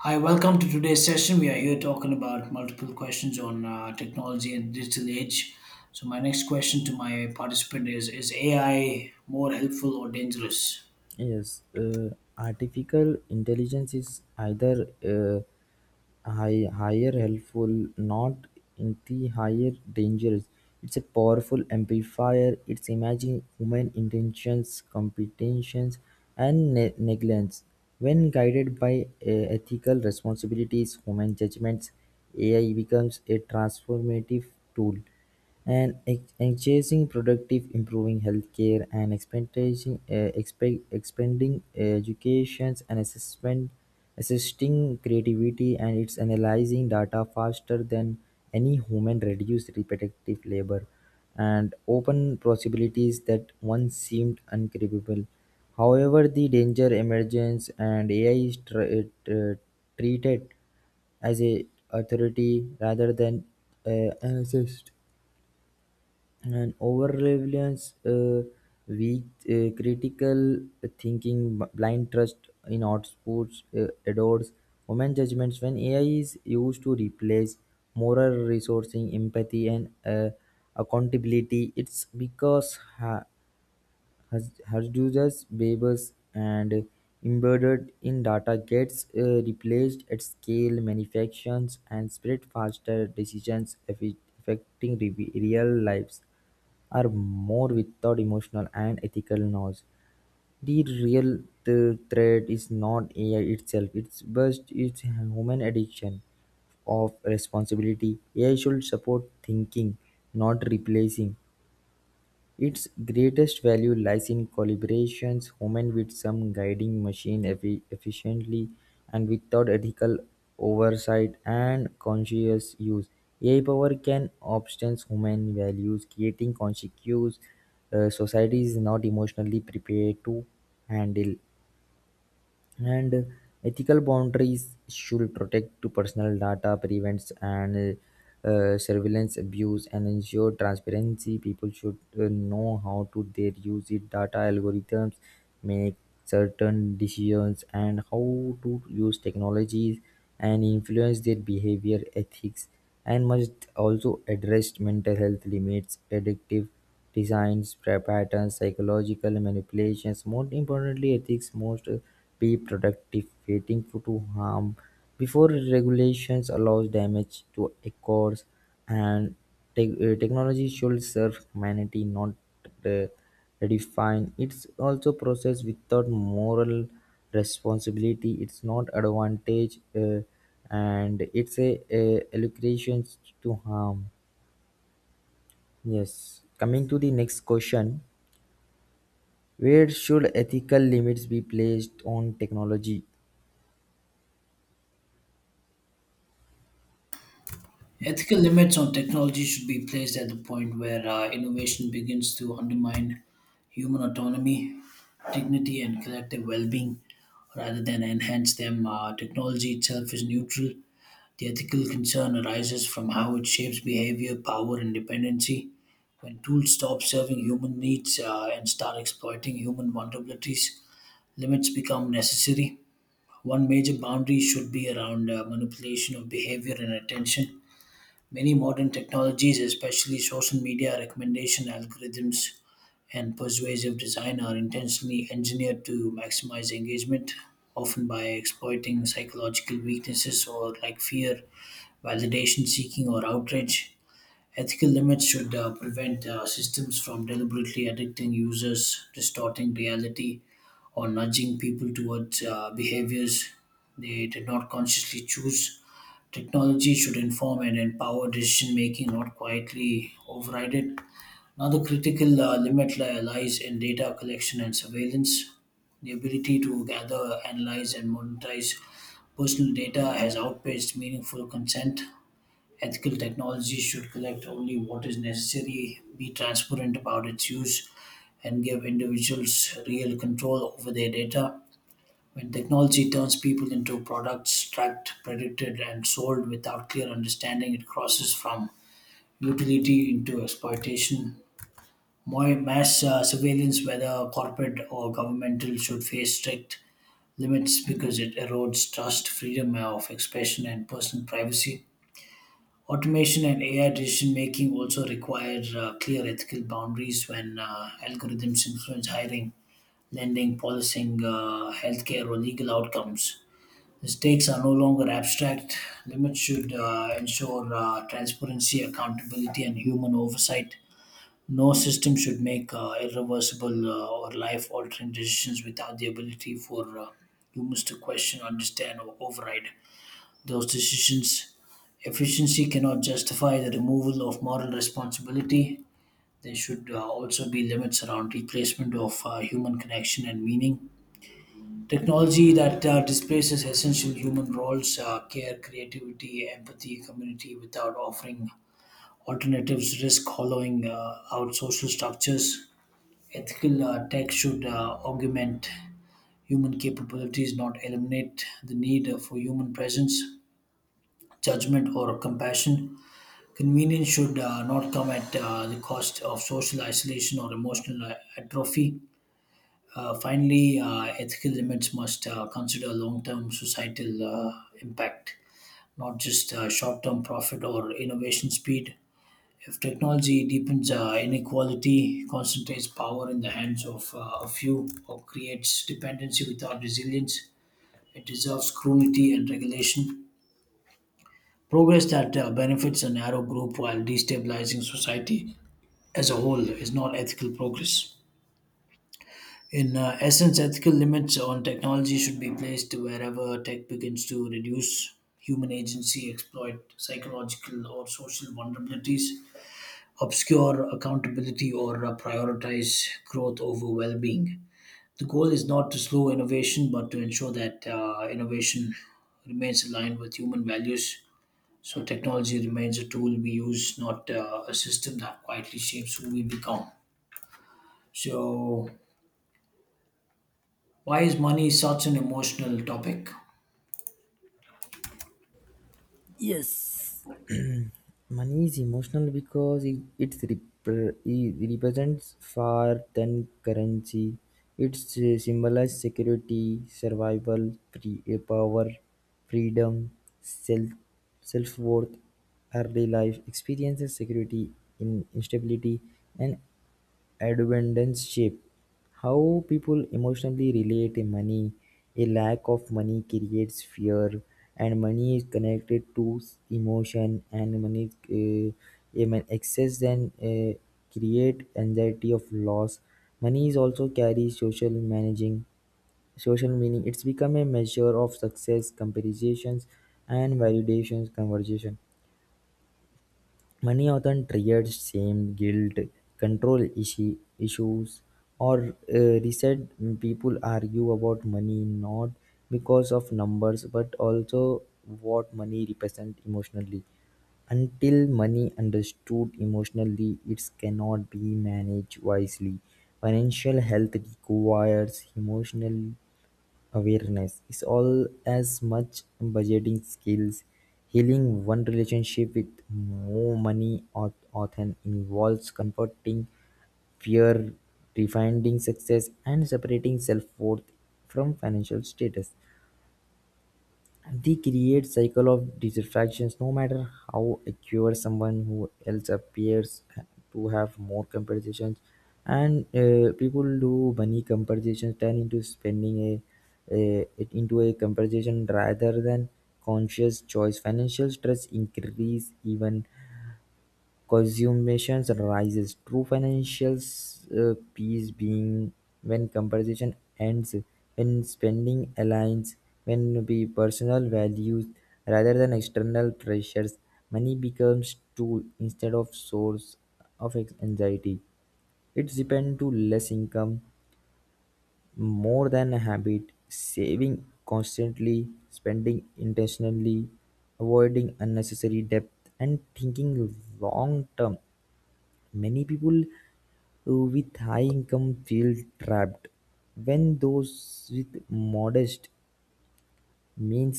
Hi, welcome to today's session. We are here talking about multiple questions on technology and digital age. So, my next question to my participant is AI more helpful or dangerous? Yes, artificial intelligence is either higher helpful, not in the higher dangers. It's a powerful amplifier. It's imagine human intentions, competitions, and negligence. When guided by ethical responsibilities, human judgments, AI becomes a transformative tool and encouraging productive, improving healthcare, and expanding educations and assessment, assisting creativity, and it's analyzing data faster than any human, reduce repetitive labor, and open possibilities that once seemed uncribable. However, the danger emergence and AI is treated as a authority rather than an assist and over reliance, weak critical thinking, blind trust in outputs, adores human judgments. When AI is used to replace moral resourcing, empathy, and accountability, it's because. Hadoop's babes and embedded in data gets replaced at scale. Manufactures and spread faster decisions affecting real lives are more without emotional and ethical noise. The real threat is not AI itself, it's but it's human addiction of responsibility. AI should support thinking, not replacing. Its greatest value lies in collaborations, human with some guiding machine efficiently and without ethical oversight and conscious use. AI power can obstant human values, creating consequences society is not emotionally prepared to handle. And Ethical boundaries should protect to personal data, prevents and surveillance abuse, and ensure transparency. People should know how to their use it. Data algorithms make certain decisions and how to use technologies and influence their behavior, ethics, and must also address mental health limits, addictive designs, patterns, psychological manipulations. More importantly, ethics must be productive, waiting for to harm before regulations allows damage to occurs and technology should serve humanity, not uh, redefine it's also process without moral responsibility. It's not advantage, and it's a allocation to harm. Yes, coming to the next question. Where should ethical limits be placed on technology? Ethical limits on technology should be placed at the point where innovation begins to undermine human autonomy, dignity, and collective well being rather than enhance them. Technology itself is neutral. The ethical concern arises from how it shapes behavior, power, and dependency. When tools stop serving human needs and start exploiting human vulnerabilities, limits become necessary. One major boundary should be around manipulation of behavior and attention. Many modern technologies, especially social media recommendation algorithms and persuasive design, are intentionally engineered to maximize engagement, often by exploiting psychological weaknesses or like fear validation seeking, or outrage. Ethical limits should prevent systems from deliberately addicting users, distorting reality, or nudging people towards behaviors they did not consciously choose. Technology should inform and empower decision making, not quietly override it. Another critical lies in data collection and surveillance. The ability to gather, analyze, and monetize personal data has outpaced meaningful consent. Ethical technology should collect only what is necessary, be transparent about its use, and give individuals real control over their data. When technology turns people into products tracked, predicted, and sold without clear understanding, it crosses from utility into exploitation. More mass surveillance, whether corporate or governmental, should face strict limits because it erodes trust, freedom of expression, and personal privacy. Automation and AI decision making also require clear ethical boundaries when algorithms influence hiring, lending, policing, healthcare, or legal outcomes. The stakes are no longer abstract. Limits should ensure transparency, accountability, and human oversight. No system should make irreversible or life altering decisions without the ability for humans to question, understand, or override those decisions. Efficiency cannot justify the removal of moral responsibility. There should also be limits around replacement of human connection and meaning. Technology that displaces essential human roles, care, creativity, empathy, community, without offering alternatives, risk hollowing out social structures. Ethical tech should augment human capabilities, not eliminate the need for human presence, judgment, or compassion. Convenience should not come at the cost of social isolation or emotional atrophy. Finally, ethical limits must consider long term societal impact, not just short term profit or innovation speed. If technology deepens inequality, concentrates power in the hands of a few, or creates dependency without resilience, it deserves scrutiny and regulation. Progress that benefits a narrow group while destabilizing society as a whole is not ethical progress. In essence, ethical limits on technology should be placed wherever tech begins to reduce human agency, exploit psychological or social vulnerabilities, obscure accountability, or prioritize growth over well being. The goal is not to slow innovation, but to ensure that innovation remains aligned with human values. So, technology remains a tool we use, not a system that quietly shapes who we become. So, why is money such an emotional topic? Yes. Money is emotional because it represents far than currency. It symbolizes security, survival, free, eh, power, freedom, self self worth, early life experiences, security in instability, and abundance shape how people emotionally relate to money. A lack of money creates fear, and money is connected to emotion, and money, excess, then create anxiety of loss. Money is also carries social meaning. It's become a measure of success, comparisons, and validations conversation. Money often triggers shame, guilt, issues, or resent. People argue about money not because of numbers but also what money represents emotionally. Until money understood emotionally, it cannot be managed wisely. Financial health requires emotional awareness is all as much budgeting skills. Healing one relationship with more money or often involves confronting fear, refining success, and separating self worth from financial status. They create cycle of dissatisfaction no matter how acquire someone who else appears to have more compensations. And People do money compensations turn into spending a it into a compensation rather than conscious choice. Financial stress increase even consumption rises. True financial peace being when competition ends, when spending aligns, when the personal values rather than external pressures. Money becomes tool instead of source of anxiety. It's depend to less income, more than a habit, saving constantly, spending intentionally, avoiding unnecessary debt, and thinking long term. Many people with high income feel trapped, when those with modest means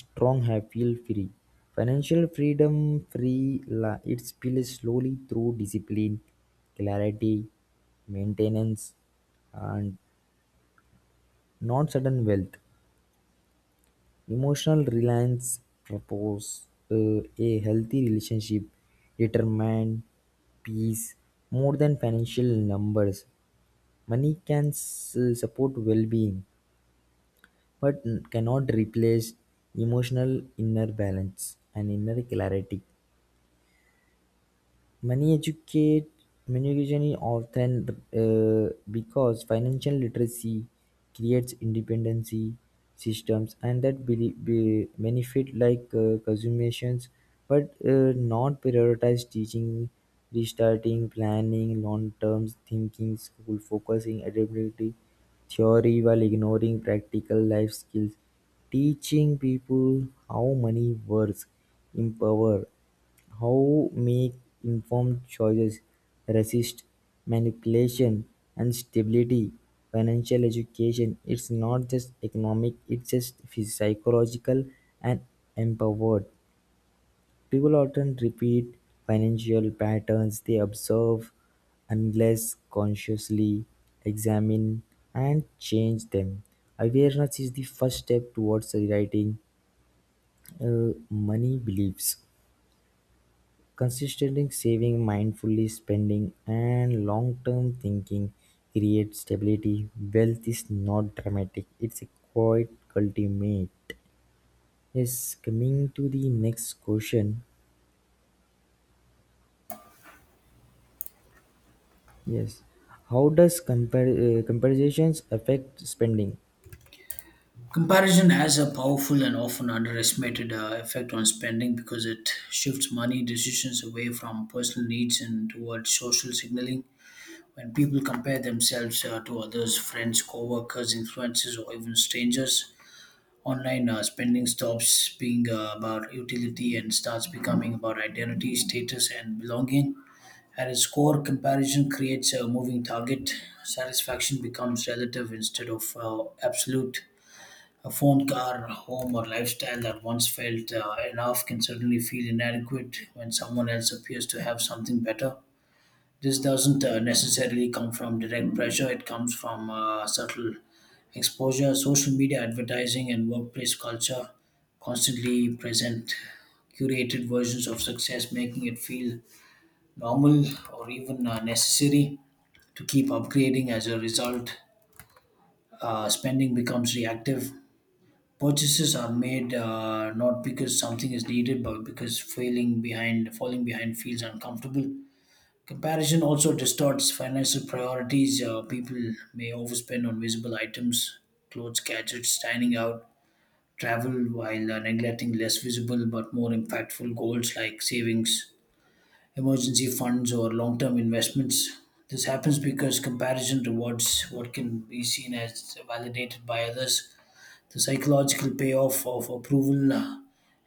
strong have feel free. Financial freedom it built slowly through discipline, clarity, maintenance, and not sudden wealth. Emotional reliance propose a healthy relationship, determine peace more than financial numbers. Money can support well being, but cannot replace emotional inner balance and inner clarity. Money educate many education is often because financial literacy creates independency systems, and that be benefit like consumations but not prioritize teaching restarting planning long term thinking school focusing adaptability theory while ignoring practical life skills. Teaching people how money works empower how make informed choices, resist manipulation and stability. Financial education it's not just economic, it's just psychological and empowered. People often repeat financial patterns they observe unless consciously examine and change them. Awareness is the first step towards rewriting money beliefs. Consistently saving, mindfully, spending, and long-term thinking create stability. Wealth is not dramatic; it's a quiet cultivate. Yes, coming to the next question. Yes, how does comparisons affect spending? Comparison has a powerful and often underestimated effect on spending because it shifts money decisions away from personal needs and towards social signaling. When people compare themselves to others, friends, co workers, influencers, or even strangers, online spending stops being about utility and starts becoming about identity, status, and belonging. At its core, comparison creates a moving target. Satisfaction becomes relative instead of absolute. A phone, car, home, or lifestyle that once felt enough can certainly feel inadequate when someone else appears to have something better. This doesn't necessarily come from direct pressure. It comes from subtle exposure, social media advertising, and workplace culture constantly present curated versions of success, making it feel normal or even necessary to keep upgrading. As a result, spending becomes reactive. Purchases are made not because something is needed, but because falling behind feels uncomfortable. Comparison also distorts financial priorities. People may overspend on visible items, clothes, gadgets, dining out, travel, while neglecting less visible but more impactful goals like savings, emergency funds, or long term investments. This happens because comparison rewards what can be seen as validated by others. The psychological payoff of approval,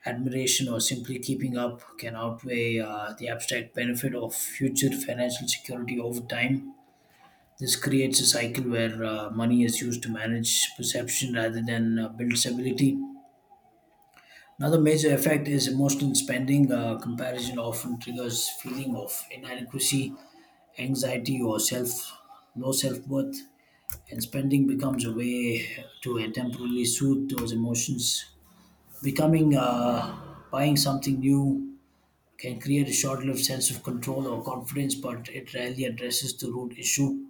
admiration, or simply keeping up can outweigh the abstract benefit of future financial security over time. This creates a cycle where money is used to manage perception rather than build stability. Another major effect is emotional spending. Comparison often triggers feeling of inadequacy, anxiety, or self low self worth, and spending becomes a way to temporarily soothe those emotions. Becoming buying something new can create a short-lived sense of control or confidence, but it rarely addresses the root issue.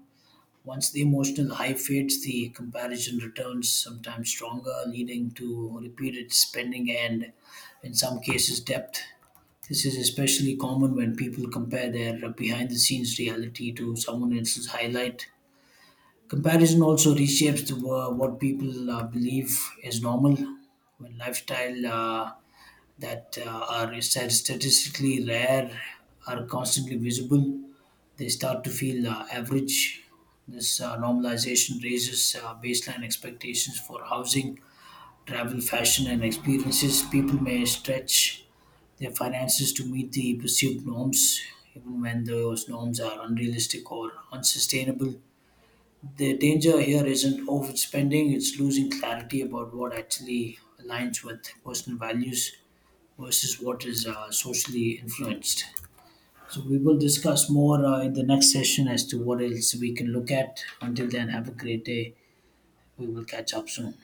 Once the emotional high fades, the comparison returns, sometimes stronger, leading to repeated spending and, in some cases, debt. This is especially common when people compare their behind the scenes reality to someone else's highlight. Comparison also reshapes what people believe is normal. When lifestyle that statistically rare are constantly visible, they start to feel average. This normalization raises baseline expectations for housing, travel, fashion, and experiences. People may stretch their finances to meet the perceived norms, even when those norms are unrealistic or unsustainable. The danger here isn't overspending, it's losing clarity about what actually aligns with personal values versus what is socially influenced. So, we will discuss more in the next session as to what else we can look at. Until then, have a great day. We will catch up soon.